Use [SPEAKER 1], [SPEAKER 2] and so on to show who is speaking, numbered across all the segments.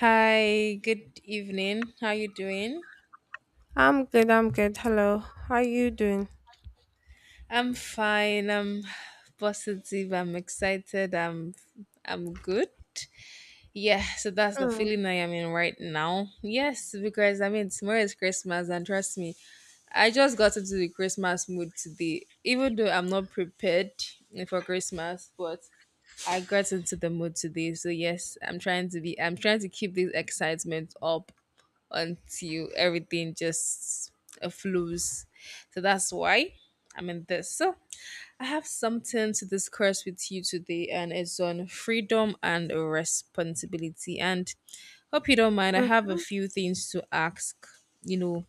[SPEAKER 1] Hi, good evening. How you doing?
[SPEAKER 2] I'm good, I'm good. Hello. How you doing?
[SPEAKER 1] I'm fine. I'm positive. I'm excited. I'm good. Yeah, so that's the
[SPEAKER 2] Hmm.
[SPEAKER 1] feeling I am in right now. Yes, because I mean tomorrow is Christmas and trust me, I just got into the Christmas mood today, even though I'm not prepared for Christmas, but I got into the mood today. So yes, I'm trying to keep this excitement up until everything just flows. So that's why I'm in this. So I have something to discuss with you today, and it's on freedom and responsibility. And hope you don't mind. I have a
[SPEAKER 2] Mm-hmm.
[SPEAKER 1] few things to ask, you know,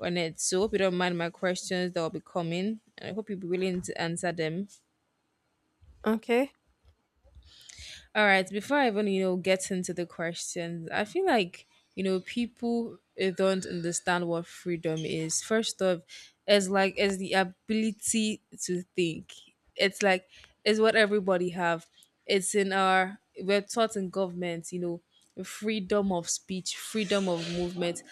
[SPEAKER 1] on it. So hope you don't mind my questions that will be coming. I hope you'll be willing to answer them.
[SPEAKER 2] Okay.
[SPEAKER 1] All right, before I even, you know, get into the questions, I feel like, you know, people don't understand what freedom is. First off, it's the ability to think. It's like it's what everybody have. It's in our we're taught in government, you know, freedom of speech, freedom of movement.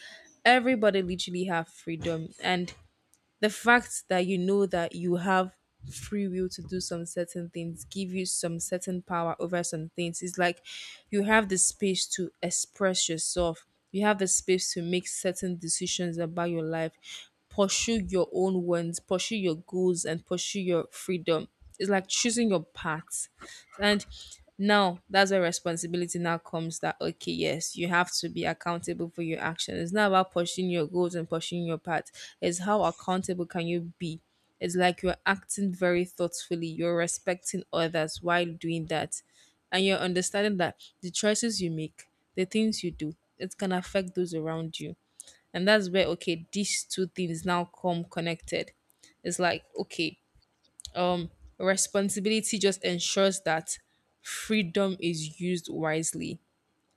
[SPEAKER 1] Everybody literally have freedom, and the fact that you know that you have free will to do some certain things give you some certain power over some things. It's like you have the space to express yourself, you have the space to make certain decisions about your life, pursue your own wants, pursue your goals, and pursue your freedom. It's like choosing your path, and now that's where responsibility now comes. That okay, yes, you have to be accountable for your action. It's not about pushing your goals and pushing your path. It's how accountable can you be? It's like you're acting very thoughtfully, you're respecting others while doing that. And you're understanding that the choices you make, the things you do, it can affect those around you. And that's where okay, these two things now come connected. It's like, okay, um, responsibility just ensures that freedom is used wisely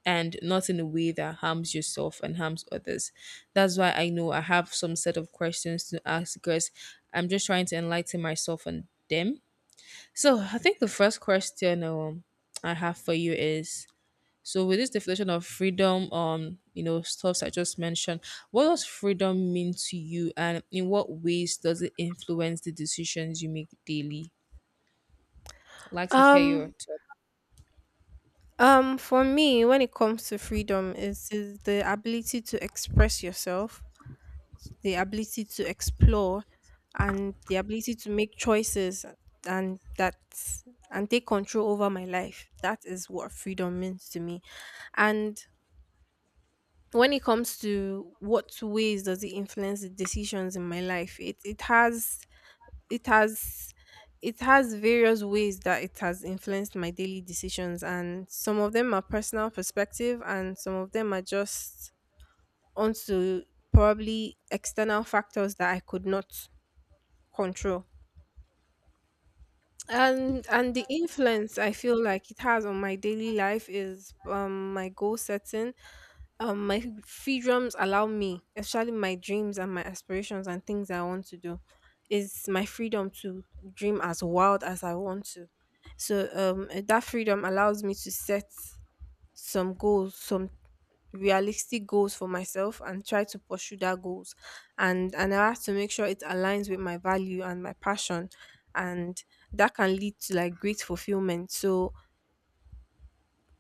[SPEAKER 1] and not in a way that harms yourself and harms others. That's why I know I have some set of questions to ask because I'm just trying to enlighten myself and them. So I think the first question I have for you is so with this definition of freedom, you know, stuffs I just mentioned, what does freedom mean to you and in what ways does it influence the decisions you make daily? Likes to hear your
[SPEAKER 2] Um,
[SPEAKER 1] talk.
[SPEAKER 2] for me, when it comes to freedom, is the ability to express yourself, the ability to explore, and the ability to make choices and that and take control over my life. That is what freedom means to me. And when it comes to what ways does it influence the decisions in my life, it has it has various ways that it has influenced my daily decisions, and some of them are personal perspective and some of them are just onto probably external factors that I could not control. And the influence I feel like it has on my daily life is my goal setting, my freedoms allow me, especially my dreams and my aspirations and things I want to do, is my freedom to dream as wild as I want to. So that freedom allows me to set some goals, some realistic goals for myself, and try to pursue that goals. And I have to make sure it aligns with my value and my passion, and that can lead to like great fulfillment. So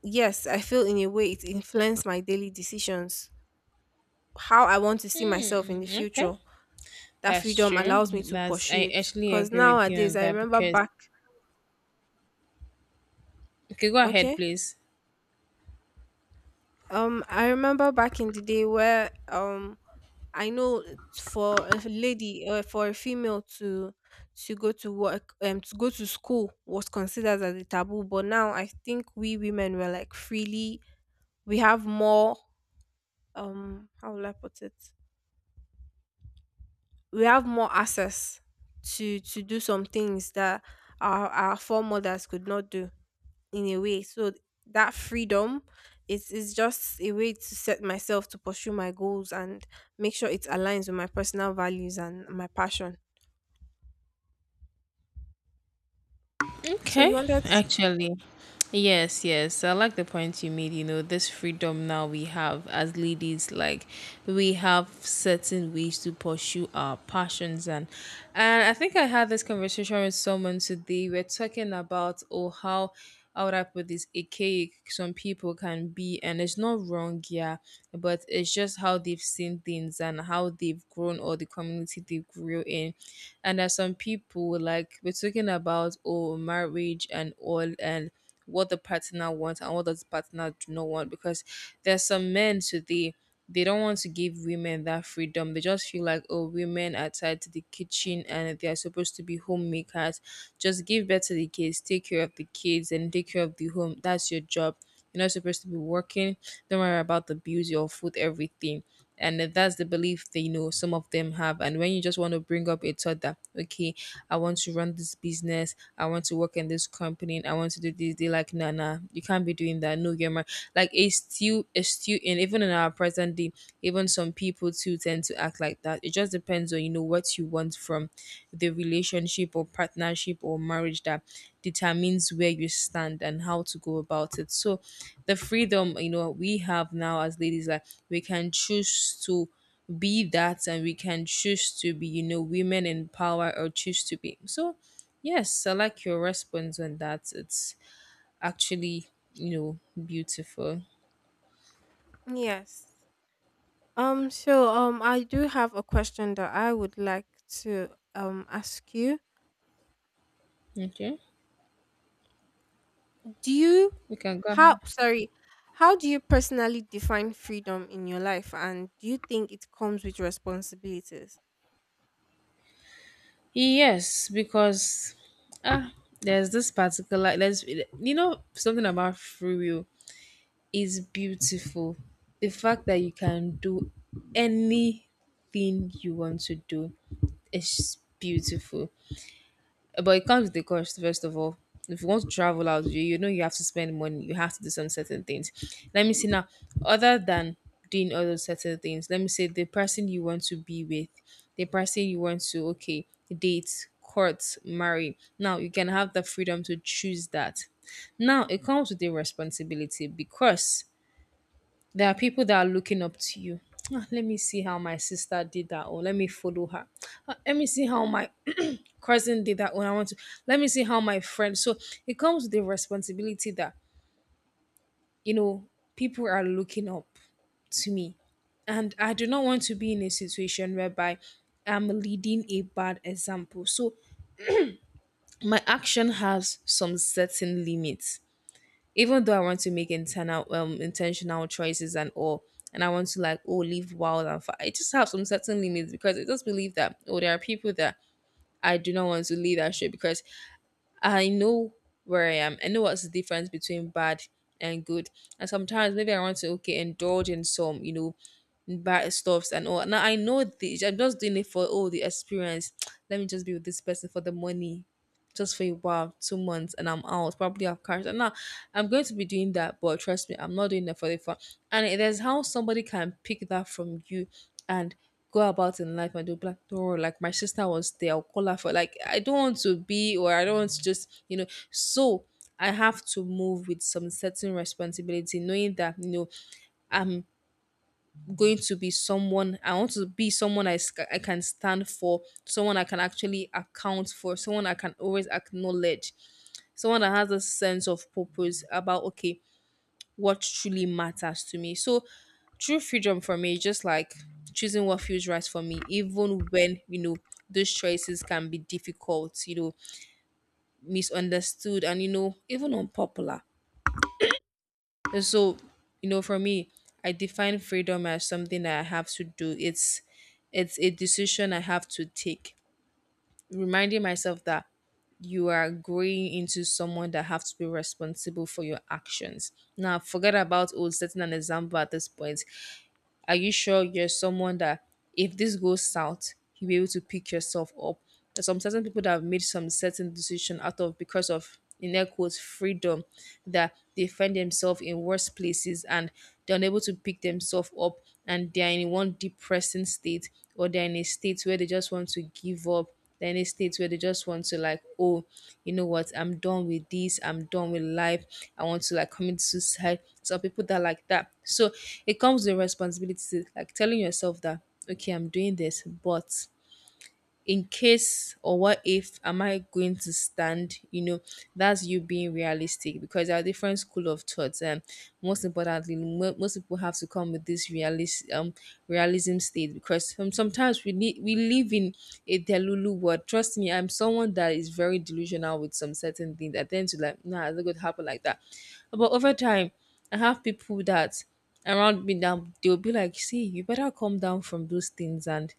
[SPEAKER 2] yes, I feel in a way it influenced my daily decisions, how I want to see myself in the
[SPEAKER 1] Okay,
[SPEAKER 2] future. That
[SPEAKER 1] that's
[SPEAKER 2] freedom
[SPEAKER 1] true.
[SPEAKER 2] allows me to
[SPEAKER 1] That's
[SPEAKER 2] pursue
[SPEAKER 1] I
[SPEAKER 2] it.
[SPEAKER 1] actually
[SPEAKER 2] Cause
[SPEAKER 1] agree with you
[SPEAKER 2] nowadays
[SPEAKER 1] on
[SPEAKER 2] I
[SPEAKER 1] that
[SPEAKER 2] remember
[SPEAKER 1] because
[SPEAKER 2] back
[SPEAKER 1] okay, go ahead,
[SPEAKER 2] okay.
[SPEAKER 1] please.
[SPEAKER 2] I remember back in the day where I know for a lady or for a female to go to work, to go to school, was considered as a taboo. But now I think we women were like freely, we have more, how will I put it, we have more access to do some things that our foremothers could not do, in a way. So that freedom is just a way to set myself to pursue my goals and make sure it aligns with my personal values and my passion. So you
[SPEAKER 1] Okay,
[SPEAKER 2] wanted to
[SPEAKER 1] actually, yes, yes. So, I like the point you made. You know, this freedom now we have as ladies, like we have certain ways to pursue our passions, and I think I had this conversation with someone today. We're talking about oh how would I put this archaic some people can be, and it's not wrong, yeah, but it's just how they've seen things and how they've grown or the community they grew in. And there's some people like we're talking about oh marriage and all, and what the partner wants and what does the partner do not want, because there's some men today they don't want to give women that freedom. They just feel like oh women are tied to the kitchen and they are supposed to be homemakers, just give birth to the kids, take care of the kids and take care of the home, that's your job, you're not supposed to be working. Don't worry about the bills, your food, everything. And then that's the belief that you know some of them have. And when you just want to bring up a thought that, okay, I want to run this business, I want to work in this company, I want to do this, they like, nah, nah, you can't be doing that. No, you're mar-" like it's still and even in our present day, even some people too tend to act like that. It just depends on you know what you want from the relationship or partnership or marriage that determines where you stand and how to go about it. So the freedom you know we have now as ladies, like we can choose to be that and we can choose to be you know women in power or choose to be. So yes, I like your response on that. It's actually, you know, beautiful.
[SPEAKER 2] yes. So I do have a question that I would like to ask you.
[SPEAKER 1] Okay,
[SPEAKER 2] Do you
[SPEAKER 1] we can go
[SPEAKER 2] how
[SPEAKER 1] ahead.
[SPEAKER 2] sorry, how do you personally define freedom in your life, and do you think it comes with responsibilities?
[SPEAKER 1] Yes, because ah there's this particular there's you know something about free will is beautiful. The fact that you can do anything you want to do is beautiful. But it comes with the cost, first of all. If you want to travel out, you know you have to spend money, you have to do some certain things. Let me see now, other than doing other certain things, let me say the person you want to be with, the person you want to, okay, date, court, marry. Now you can have the freedom to choose that. Now it comes with the responsibility because there are people that are looking up to you. "Ah, let me see how my sister did that, or let me follow her. Ah, let me see how my cousin did that when I want to. Let me see how my friend." So it comes with the responsibility that, you know, people are looking up to me. And I do not want to be in a situation whereby I'm leading a bad example. So my action has some certain limits. Even though I want to make internal intentional choices and all, and I want to like oh live wild and far, I just have some certain limits because I just believe that oh there are people that I do not want to leadership because I know where I am. I know what's the difference between bad and good. And sometimes maybe I want to okay indulge in some you know bad stuffs and all. Now I know this. I'm just doing it for all the experience. Let me just be with this person for the money just for a while, 2 months, and I'm out. Probably have cars. And now I'm going to be doing that, but trust me, I'm not doing it for the fun. And there's how somebody can pick that from you and go about in life and do black door. Like my sister was there, I'll call her for like I don't want to be or I don't want to just, you know, so I have to move with some certain responsibility, knowing that you know I'm going to be someone. I want to be someone I, I can stand for, someone I can actually account for, someone I can always acknowledge, someone that has a sense of purpose about okay what truly matters to me. So true freedom for me is just like choosing what feels right for me, even when you know those choices can be difficult, you know, misunderstood, and you know even unpopular. And so you know for me, I define freedom as something that I have to do. It's a decision I have to take, reminding myself that you are growing into someone that have to be responsible for your actions. Now, forget about oh, setting an example at this point. Are you sure you're someone that if this goes south, you'll be able to pick yourself up? There's some certain people that have made some certain decision out of because of in their quotes freedom that they find themselves in worse places and they're unable to pick themselves up, and they're in one depressing state or they're in a state where they just want to give up, then it states where they just want to like, oh, you know what, I'm done with this, I'm done with life, I want to like commit suicide. Some people that are like that. So it comes with responsibility, like telling yourself that, okay, I'm doing this, but in case or what if am I going to stand? You know, that's you being realistic because there are different school of thoughts, and most importantly, most people have to come with this realism state because sometimes we live in a delulu world. Trust me, I'm someone that is very delusional with some certain things. I tend to like, nah, it's not going to happen like that. But over time, I have people that around me now they'll be like, see, you better come down from those things and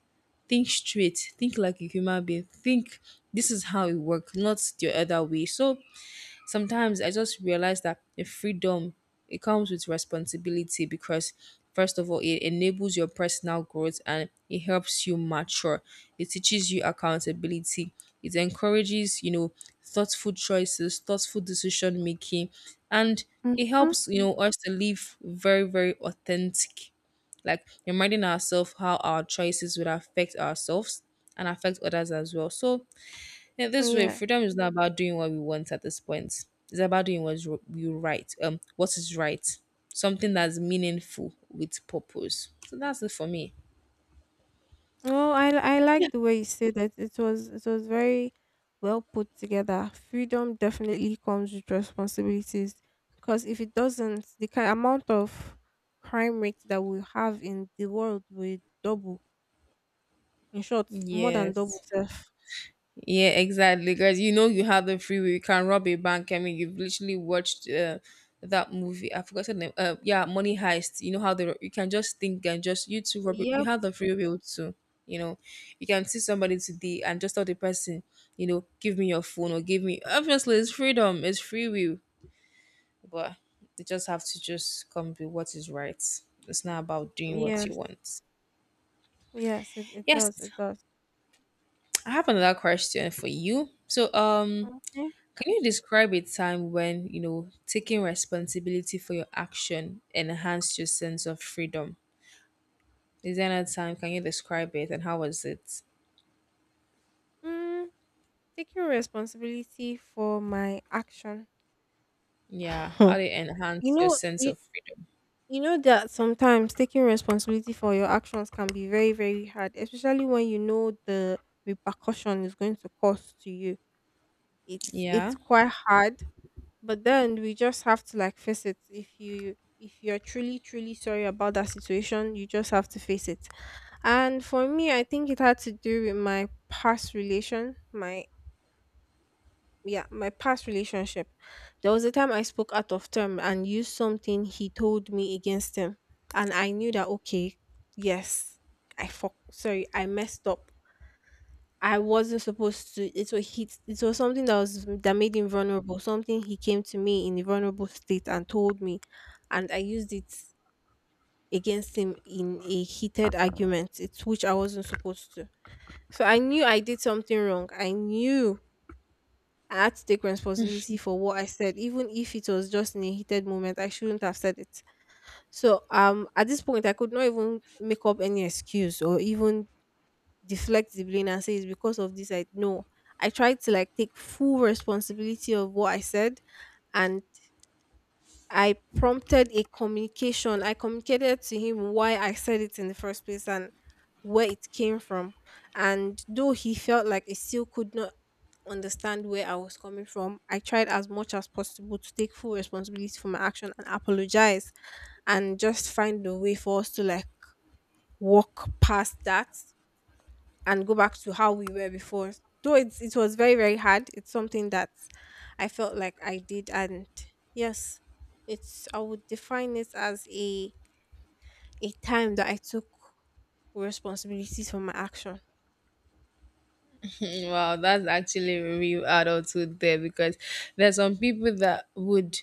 [SPEAKER 1] think straight, think like a human being, think this is how it works, not the other way. So sometimes I just realize that the freedom it comes with responsibility because first of all it enables your personal growth and it helps you mature. It teaches you accountability. It encourages, thoughtful choices, thoughtful decision making, and it
[SPEAKER 2] Mhm.
[SPEAKER 1] helps, us to live very, very authentic, like reminding ourselves how our choices would affect ourselves and affect others as well. So yeah, this way,
[SPEAKER 2] Yeah.
[SPEAKER 1] freedom is not about doing what we want at this point. It's about doing what's r- you right. What is right, something that's meaningful with purpose. So that's it for me.
[SPEAKER 2] Oh, I
[SPEAKER 1] Yeah.
[SPEAKER 2] like the way you said that. It was very well put together. Freedom definitely comes with responsibilities, because if it doesn't, the ki amount of crime rate that we have in the world will double. In short, more than double
[SPEAKER 1] Yes.
[SPEAKER 2] self.
[SPEAKER 1] Yeah, exactly, guys. You know, you have the free will. You can rob a bank. I mean, you've literally watched that movie. I forgot the name. Yeah, Money Heist. You know how the you can just think and just you two rob it. You
[SPEAKER 2] Yep.
[SPEAKER 1] have the free will too. You know, you can see somebody today and just tell the person, you know, give me your phone or give me. Obviously, it's freedom. It's free will, but you just have to just come with what is right. It's not about doing what you
[SPEAKER 2] Yes.
[SPEAKER 1] want.
[SPEAKER 2] Yes. It
[SPEAKER 1] Yes,
[SPEAKER 2] does. It does.
[SPEAKER 1] I have another question for you. So,
[SPEAKER 2] Okay.
[SPEAKER 1] can you describe a time when, you know, taking responsibility for your action enhanced your sense of freedom? Is there another time? Can you describe it and how was it?
[SPEAKER 2] Mm, taking responsibility for my action.
[SPEAKER 1] Yeah, how did
[SPEAKER 2] you
[SPEAKER 1] it enhance your
[SPEAKER 2] know.
[SPEAKER 1] sense
[SPEAKER 2] You.
[SPEAKER 1] of freedom?
[SPEAKER 2] You know that sometimes taking responsibility for your actions can be very, very hard, especially when you know the repercussion is going to cause to you. It's
[SPEAKER 1] Yeah.
[SPEAKER 2] quite hard, but then we just have to like face it. If you if you're truly, truly sorry about that situation, you just have to face it. And for me, I think it had to do with my past relation, my yeah, my past relationship. There was a time I spoke out of term and used something he told me against him. And I knew that, okay, yes, I fuck, sorry, I messed up. I wasn't supposed to. It was he, it was something that was that made him vulnerable. Something he came to me in a vulnerable state and told me, and I used it against him in a heated argument. It's which I wasn't supposed to. So I knew I did something wrong. I knew I had to take responsibility for what I said, even if it was just in a heated moment. I shouldn't have said it. So, at this point, I could not even make up any excuse or even deflect the blame and say it's because of this. I no, I tried to like take full responsibility of what I said, and I prompted a communication. I communicated to him why I said it in the first place and where it came from. And though he felt like he still could not understand where I was coming from, I tried as much as possible to take full responsibility for my action and apologize, and just find a way for us to like walk past that and go back to how we were before. Though it was very, very hard, it's something that I felt like I did. And yes, it's, I would define it as a time that I took responsibility for my action.
[SPEAKER 1] Wow, that's actually real adulthood there, because there's some people that would,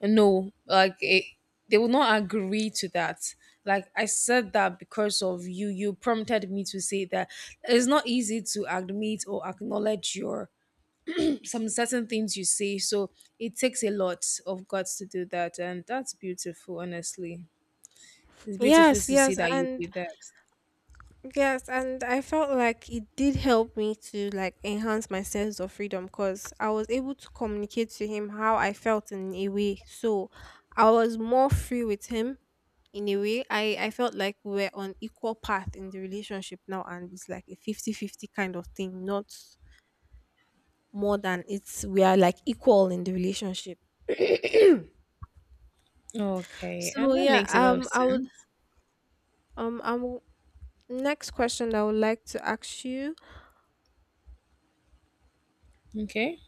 [SPEAKER 1] no, like it, they will not agree to that. Like I said that because of you, you prompted me to say that. It's not easy to admit or acknowledge your some certain things you say. So it takes a lot of guts to do that. And that's beautiful, honestly. It's beautiful
[SPEAKER 2] Yes,
[SPEAKER 1] to see
[SPEAKER 2] yes,
[SPEAKER 1] that you
[SPEAKER 2] and
[SPEAKER 1] did that.
[SPEAKER 2] yes, and I felt like it did help me to like enhance my sense of freedom, because I was able to communicate to him how I felt in a way. So I was more free with him in a way. I felt like we were on equal path in the relationship now, and it's like a 50 50 kind of thing, not more than it's, we are like equal in the relationship.
[SPEAKER 1] Okay.
[SPEAKER 2] So
[SPEAKER 1] And that
[SPEAKER 2] yeah,
[SPEAKER 1] makes a lot of
[SPEAKER 2] I would
[SPEAKER 1] sense.
[SPEAKER 2] I'm next question I would like to ask you,
[SPEAKER 1] Okay.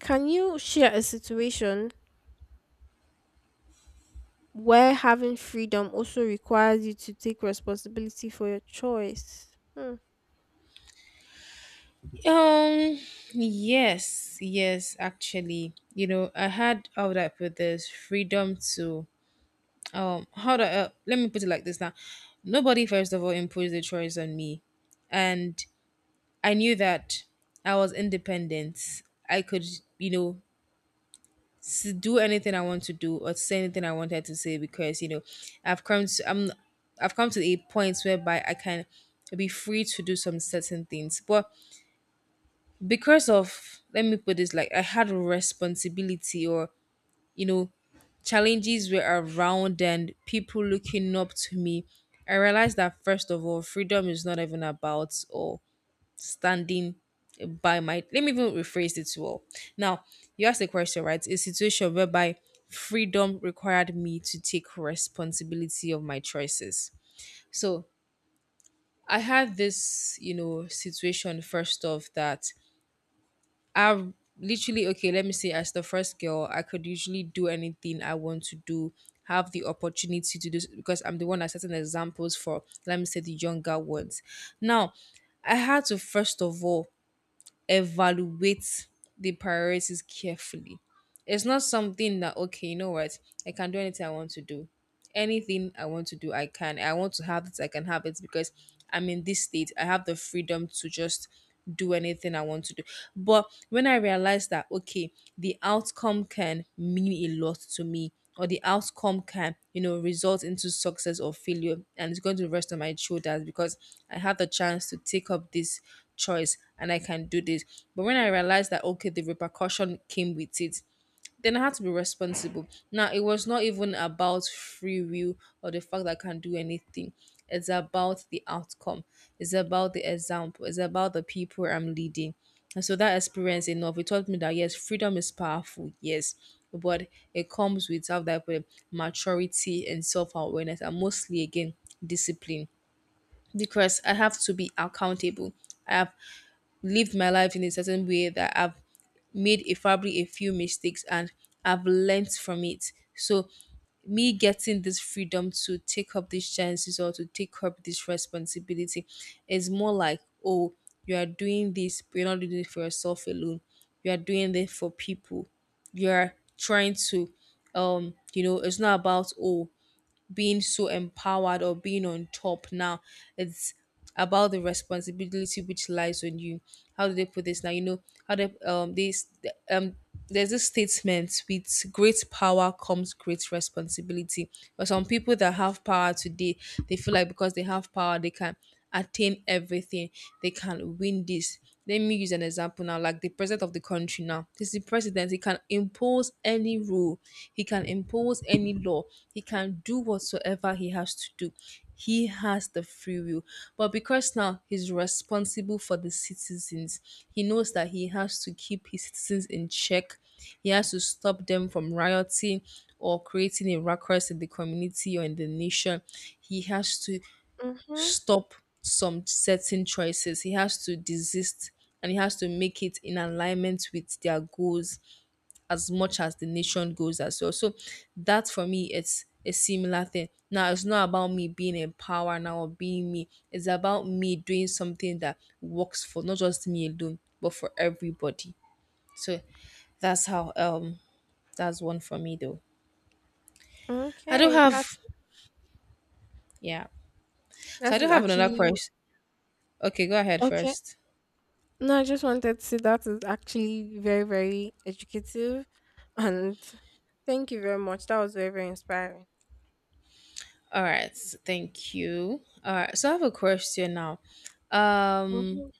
[SPEAKER 2] can you share a situation where having freedom also requires you to take responsibility for your choice? Hmm.
[SPEAKER 1] Um yes, yes, actually. You know, I had, how would I put this? Freedom to, how do I, let me put it like this now. Nobody first of all imposed the choice on me. And I knew that I was independent. I could, you know, to do anything I want to do or to say anything I wanted to say, because you know, I've come to I'm I've come to a point whereby I can be free to do some certain things. But because of, let me put this, like, I had responsibility or, you know, challenges were around and people looking up to me, I realized that first of all, freedom is not even about all standing by my, let me even rephrase it well now. You asked a question, right? A situation whereby freedom required me to take responsibility of my choices. So I had this, you know, situation first off that I literally, okay, let me say, as the first girl, I could usually do anything I want to do, have the opportunity to do because I'm the one that's setting examples for, let me say, the younger ones. Now I had to first of all evaluate the priorities carefully. It's not something that, okay, you know what? I can do anything I want to do. Anything I want to do, I can. I want to have it, I can have it, because I'm in this state. I have the freedom to just do anything I want to do. But when I realized that okay, the outcome can mean a lot to me, or the outcome can, you know, result into success or failure, and it's going to rest on my shoulders because I have the chance to take up this choice and I can do this. But when I realized that okay, the repercussion came with it, then I had to be responsible. Now, it was not even about free will or the fact that I can do anything. It's about the outcome. It's about the example. It's about the people I'm leading. And so that experience enough, it taught me that yes, freedom is powerful, yes, but it comes with self, that put maturity and self-awareness, and mostly again discipline. Because I have to be accountable. I have lived my life in a certain way that I've made a probably a few mistakes, and I've learnt from it. So me getting this freedom to take up these chances or to take up this responsibility is more like, oh, you are doing this, but you're not doing it for yourself alone. You are doing this for people. You're trying to you know, it's not about, oh, being so empowered or being on top now. It's about the responsibility which lies on you. How do they put this now? You know, how they this um there's this statement, with great power comes great responsibility. But some people that have power today, they feel like because they have power, they can attain everything, they can win this. Let me use an example now, like the president of the country. Now, this is the president, he can impose any rule, he can impose any law, he can do whatsoever he has to do. He has the free will, but because now he's responsible for the citizens, he knows that he has to keep his citizens in check, he has to stop them from rioting or creating a ruckus in the community or in the nation. He has to
[SPEAKER 2] Mm-hmm.
[SPEAKER 1] stop some certain choices. He has to desist, and he has to make it in alignment with their goals as much as the nation goes as well. So that for me, it's a similar thing. Now it's not about me being in power now or being me. It's about me doing something that works for not just me alone, but for everybody. So that's how, that's one for me though. I do
[SPEAKER 2] Okay,
[SPEAKER 1] have,
[SPEAKER 2] that's
[SPEAKER 1] yeah. So
[SPEAKER 2] that
[SPEAKER 1] I do
[SPEAKER 2] is
[SPEAKER 1] have another
[SPEAKER 2] actually
[SPEAKER 1] question. Okay, go ahead
[SPEAKER 2] okay.
[SPEAKER 1] first.
[SPEAKER 2] No, I just wanted to say that is actually very, very educative. And thank you very much. That was very, very inspiring.
[SPEAKER 1] All right, thank you. All right, so I have a question now. Um,
[SPEAKER 2] Mhm.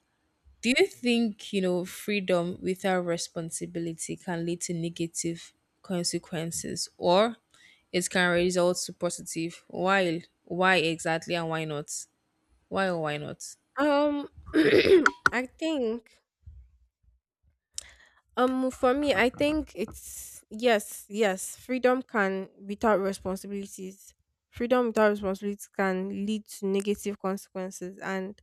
[SPEAKER 1] do you think, you know, freedom without responsibility can lead to negative consequences, or it can result to positive? Why? Why exactly, and why not? Why or why not?
[SPEAKER 2] Um, I think, for me, I think it's yes, yes, freedom can, without responsibilities, freedom without responsibilities can lead to negative consequences. And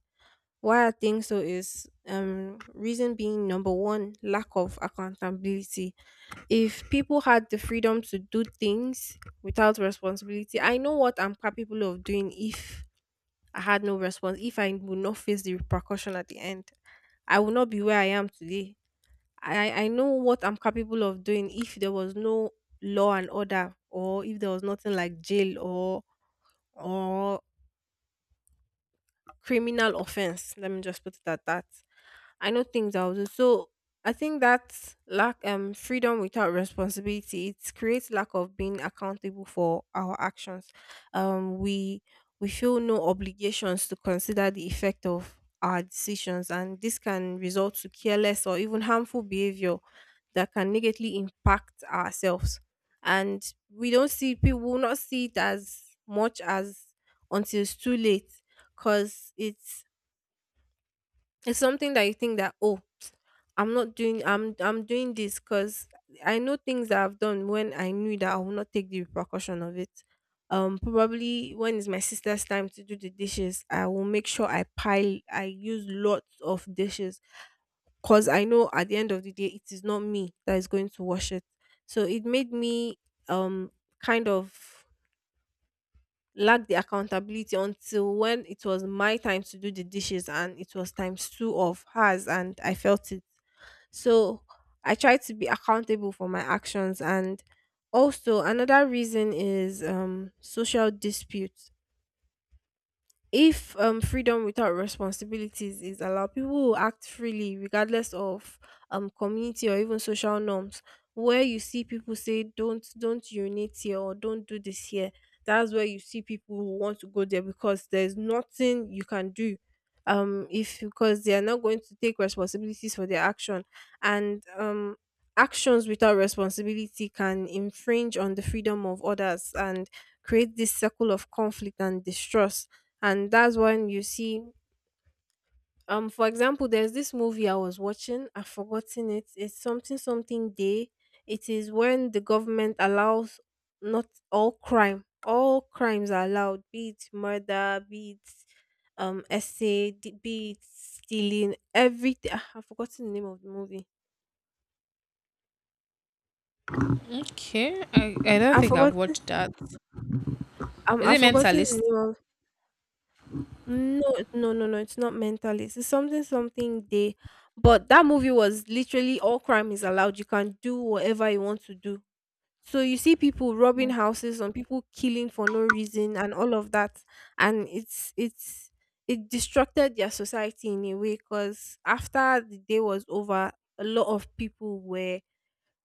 [SPEAKER 2] why I think so is, reason being number one, lack of accountability. If people had the freedom to do things without responsibility, I know what I'm capable of doing if I had no response, if I would not face the repercussion at the end. I would not be where I am today. I know what I'm capable of doing if there was no law and order, or if there was nothing like jail or criminal offense. Let me just put it at that. I know things I will do. So I think that lack freedom without responsibility, it creates lack of being accountable for our actions. Um we we feel no obligations to consider the effect of our decisions, and this can result to careless or even harmful behavior that can negatively impact ourselves. And we don't see, people will not see it as much as until it's too late. Cause it's something that you think that oh, I'm not doing I'm doing this because I know things that I've done when I knew that I will not take the repercussion of it. Probably when it's my sister's time to do the dishes, I will make sure I use lots of dishes, because I know at the end of the day it is not me that is going to wash it. So it made me um kind of lack the accountability, until when it was my time to do the dishes and it was times two of hers, and I felt it. So I tried to be accountable for my actions. And also another reason is social disputes. If freedom without responsibilities is allowed, people will act freely regardless of community or even social norms. Where you see people say don't urinate here, or don't do this here, that's where you see people who want to go there, because there's nothing you can do. If because they are not going to take responsibilities for their action, and actions without responsibility can infringe on the freedom of others and create this circle of conflict and distrust. And that's when you see, for example, there's this movie I was watching, I've forgotten it, it's something something day. It is when the government allows, not all crime, all crimes are allowed, be it murder, be it essay d- be it stealing, everything. Ah, I've forgotten the name of the movie.
[SPEAKER 1] Okay, I don't
[SPEAKER 2] i've
[SPEAKER 1] think I've
[SPEAKER 2] forgotten
[SPEAKER 1] watched that. Is
[SPEAKER 2] I've
[SPEAKER 1] it
[SPEAKER 2] forgotten the
[SPEAKER 1] mentalist?
[SPEAKER 2] name of. No, no, no, no. It's not mentalist. It's something, something day. But that movie was literally all crime is allowed. You can do whatever you want to do. So you see people robbing houses, some people killing for no reason, and all of that. And it's it destructed their society in a way, because after the day was over, a lot of people were,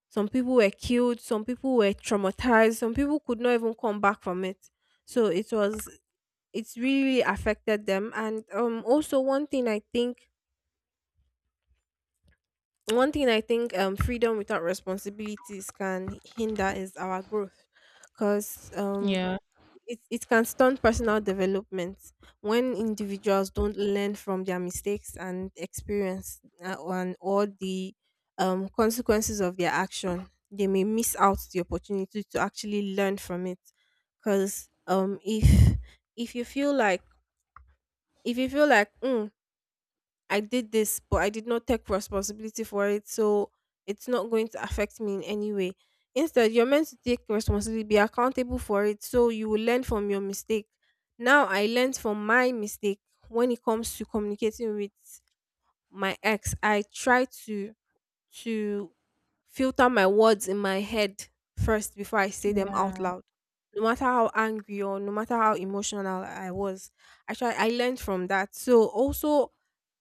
[SPEAKER 2] some people were killed, some people were traumatized, some people could not even come back from it. So it was it's really affected them. And also one thing I think freedom without responsibilities can hinder is our growth because
[SPEAKER 1] Yeah.
[SPEAKER 2] it can stunt personal development when individuals don't learn from their mistakes and experience and all the consequences of their action. They may miss out the opportunity to actually learn from it. Because if you feel like if you feel like I did this, but I did not take responsibility for it, so it's not going to affect me in any way. Instead, you're meant to take responsibility, be accountable for it, so you will learn from your mistake. Now, I learned from my mistake when it comes to communicating with my ex. I try to filter my words in my head first before I say them out
[SPEAKER 1] Yeah.
[SPEAKER 2] loud. No matter how angry or no matter how emotional I was, I try. I learned from that. So also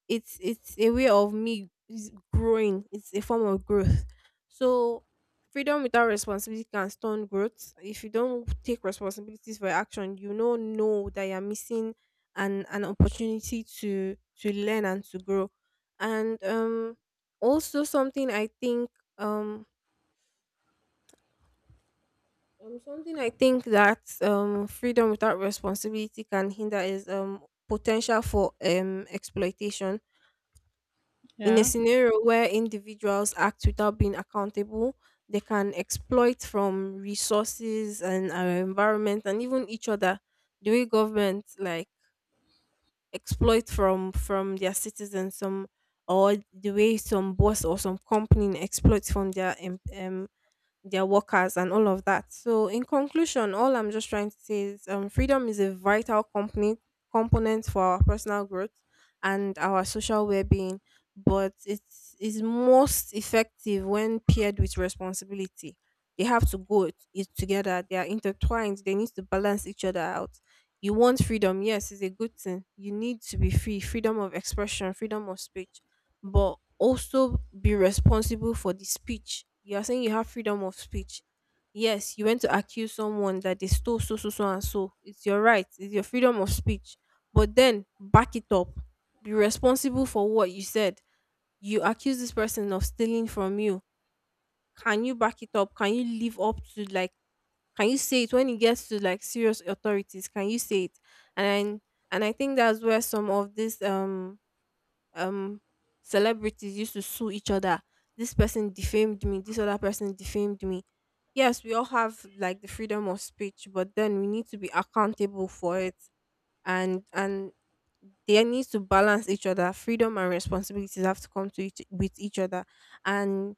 [SPEAKER 2] it's a way of me is growing. It's a form of growth. So freedom without responsibility can stun growth. If you don't take responsibilities for your action, you know that you're missing an opportunity to learn and to grow. And also something I think, um something I think that freedom without responsibility can hinder is potential for exploitation. In a
[SPEAKER 1] Yeah.
[SPEAKER 2] scenario where individuals act without being accountable, they can exploit from resources and our environment and even each other. The way government like exploit from their citizens, some, or the way some boss or some company exploits from their their workers and all of that. So in conclusion, all I'm just trying to say is, freedom is a vital company component for our personal growth and our social well-being, but it is most effective when paired with responsibility. They have to go it together. They are intertwined. They need to balance each other out. You want freedom, yes, it's a good thing. You need to be free, freedom of expression, freedom of speech, but also be responsible for the speech. You are saying you have freedom of speech. Yes, you went to accuse someone that they stole so so so and so. It's your right. It's your freedom of speech. But then back it up. Be responsible for what you said. You accuse this person of stealing from you. Can you back it up? Can you live up to like, can you say it when it gets to like serious authorities? Can you say it? And and I think that's where some of this, um celebrities used to sue each other. This person defamed me, this other person defamed me. Yes, we all have like the freedom of speech, but then we need to be accountable for it, and they need to balance each other. Freedom and responsibilities have to come to each with each other, and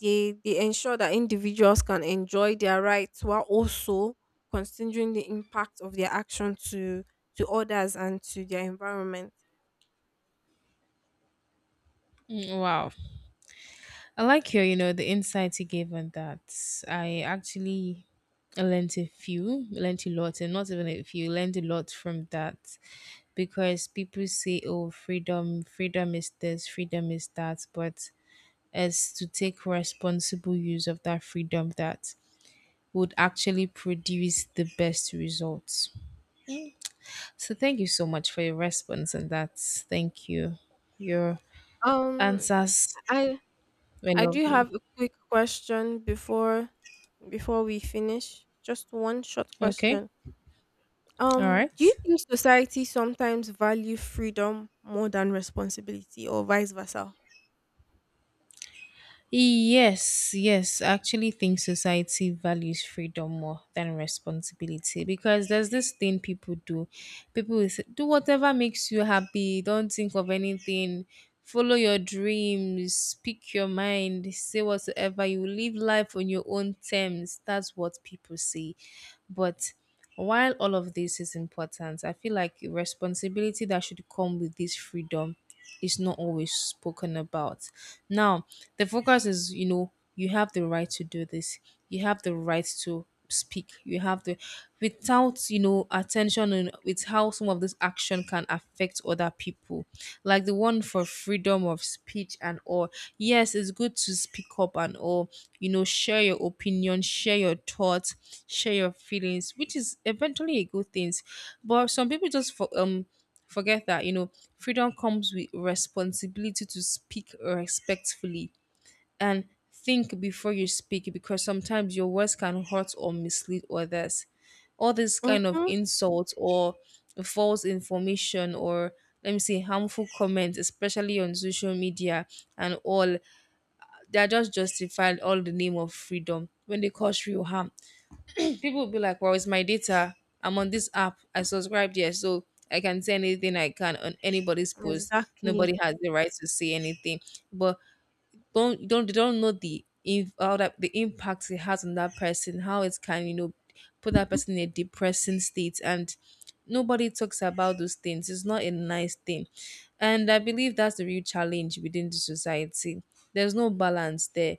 [SPEAKER 2] they ensure that individuals can enjoy their rights while also considering the impact of their action to others and to their environment.
[SPEAKER 1] Mm, wow. I like your, you know, the insights you gave on that. I actually learned a few, learned a lot, and not even a few, learned a lot from that, because people say, oh, freedom, freedom is this, freedom is that, but as to take responsible use of that freedom, that would actually produce the best results. So thank you so much for your response and that. Thank you. Your
[SPEAKER 2] Um,
[SPEAKER 1] answers
[SPEAKER 2] I
[SPEAKER 1] were
[SPEAKER 2] I do have
[SPEAKER 1] lovely.
[SPEAKER 2] a quick question before we finish. Just one short
[SPEAKER 1] Okay.
[SPEAKER 2] question.
[SPEAKER 1] All
[SPEAKER 2] Do you
[SPEAKER 1] right.
[SPEAKER 2] think society sometimes value freedom more than responsibility or vice versa?
[SPEAKER 1] Yes, yes. I actually think society values freedom more than responsibility, because there's this thing people do. People will say, do whatever makes you happy, don't think of anything, follow your dreams, speak your mind, say whatsoever, you live life on your own terms. That's what people say. But while all of this is important, I feel like responsibility that should come with this freedom is not always spoken about. Now, the focus is, you know, you have the right to do this, you have the right to speak, you have the, without, you know, attention and with how some of this action can affect other people, like the one for freedom of speech and all. Yes, it's good to speak up and all, you know, share your opinion, share your thoughts, share your feelings, which is eventually a good thing. But some people just for, forget that, you know, freedom comes with responsibility to speak respectfully and think before you speak, because sometimes your words can hurt or mislead others. All this kind of
[SPEAKER 2] Mhm.
[SPEAKER 1] insults or false information or, let me say, harmful comments, especially on social media and all, they are just justified all in the name of freedom, when they cause real harm. People will be like, well, it's my data. I'm on this app. I subscribed here, so I can say anything I can on anybody's post.
[SPEAKER 2] Exactly.
[SPEAKER 1] Nobody has the right to say anything. But don't you, don't they don't know the, if how that the impact it has on that person, how it can, you know, put that person in a depressing state, and nobody talks about those things. It's not a nice thing, and I believe that's the real challenge within the society. There's no balance there.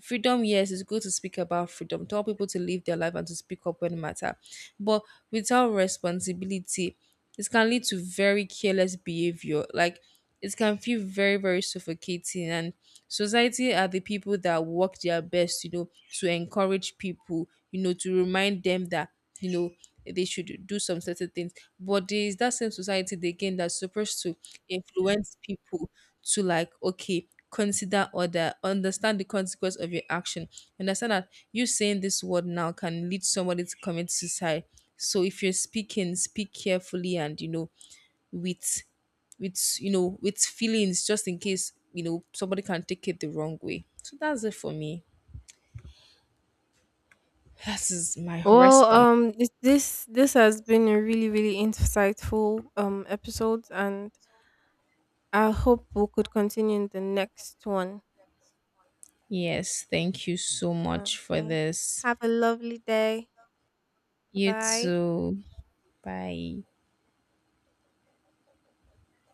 [SPEAKER 1] Freedom, yes, it's good to speak about freedom, tell people to live their life and to speak up when it matter, but without responsibility, it can lead to very careless behavior, like it can feel very, very suffocating. And society are the people that work their best, you know, to encourage people, you know, to remind them that, you know, they should do some certain things. But there is that same society, they again, that's supposed to influence people to, like, okay, consider other, understand the consequence of your action, understand that you saying this word now can lead somebody to commit suicide. So if you're speaking, speak carefully, and you know, with with, you know, with feelings, just in case, you know, somebody can take it the wrong way. So that's it for me, that is my
[SPEAKER 2] Well,
[SPEAKER 1] response.
[SPEAKER 2] this has been a really insightful episode, and I hope we could continue in the next one.
[SPEAKER 1] Yes, thank you so much for
[SPEAKER 2] Okay.
[SPEAKER 1] this.
[SPEAKER 2] Have a lovely day. Bye
[SPEAKER 1] You
[SPEAKER 2] bye.
[SPEAKER 1] too. Bye.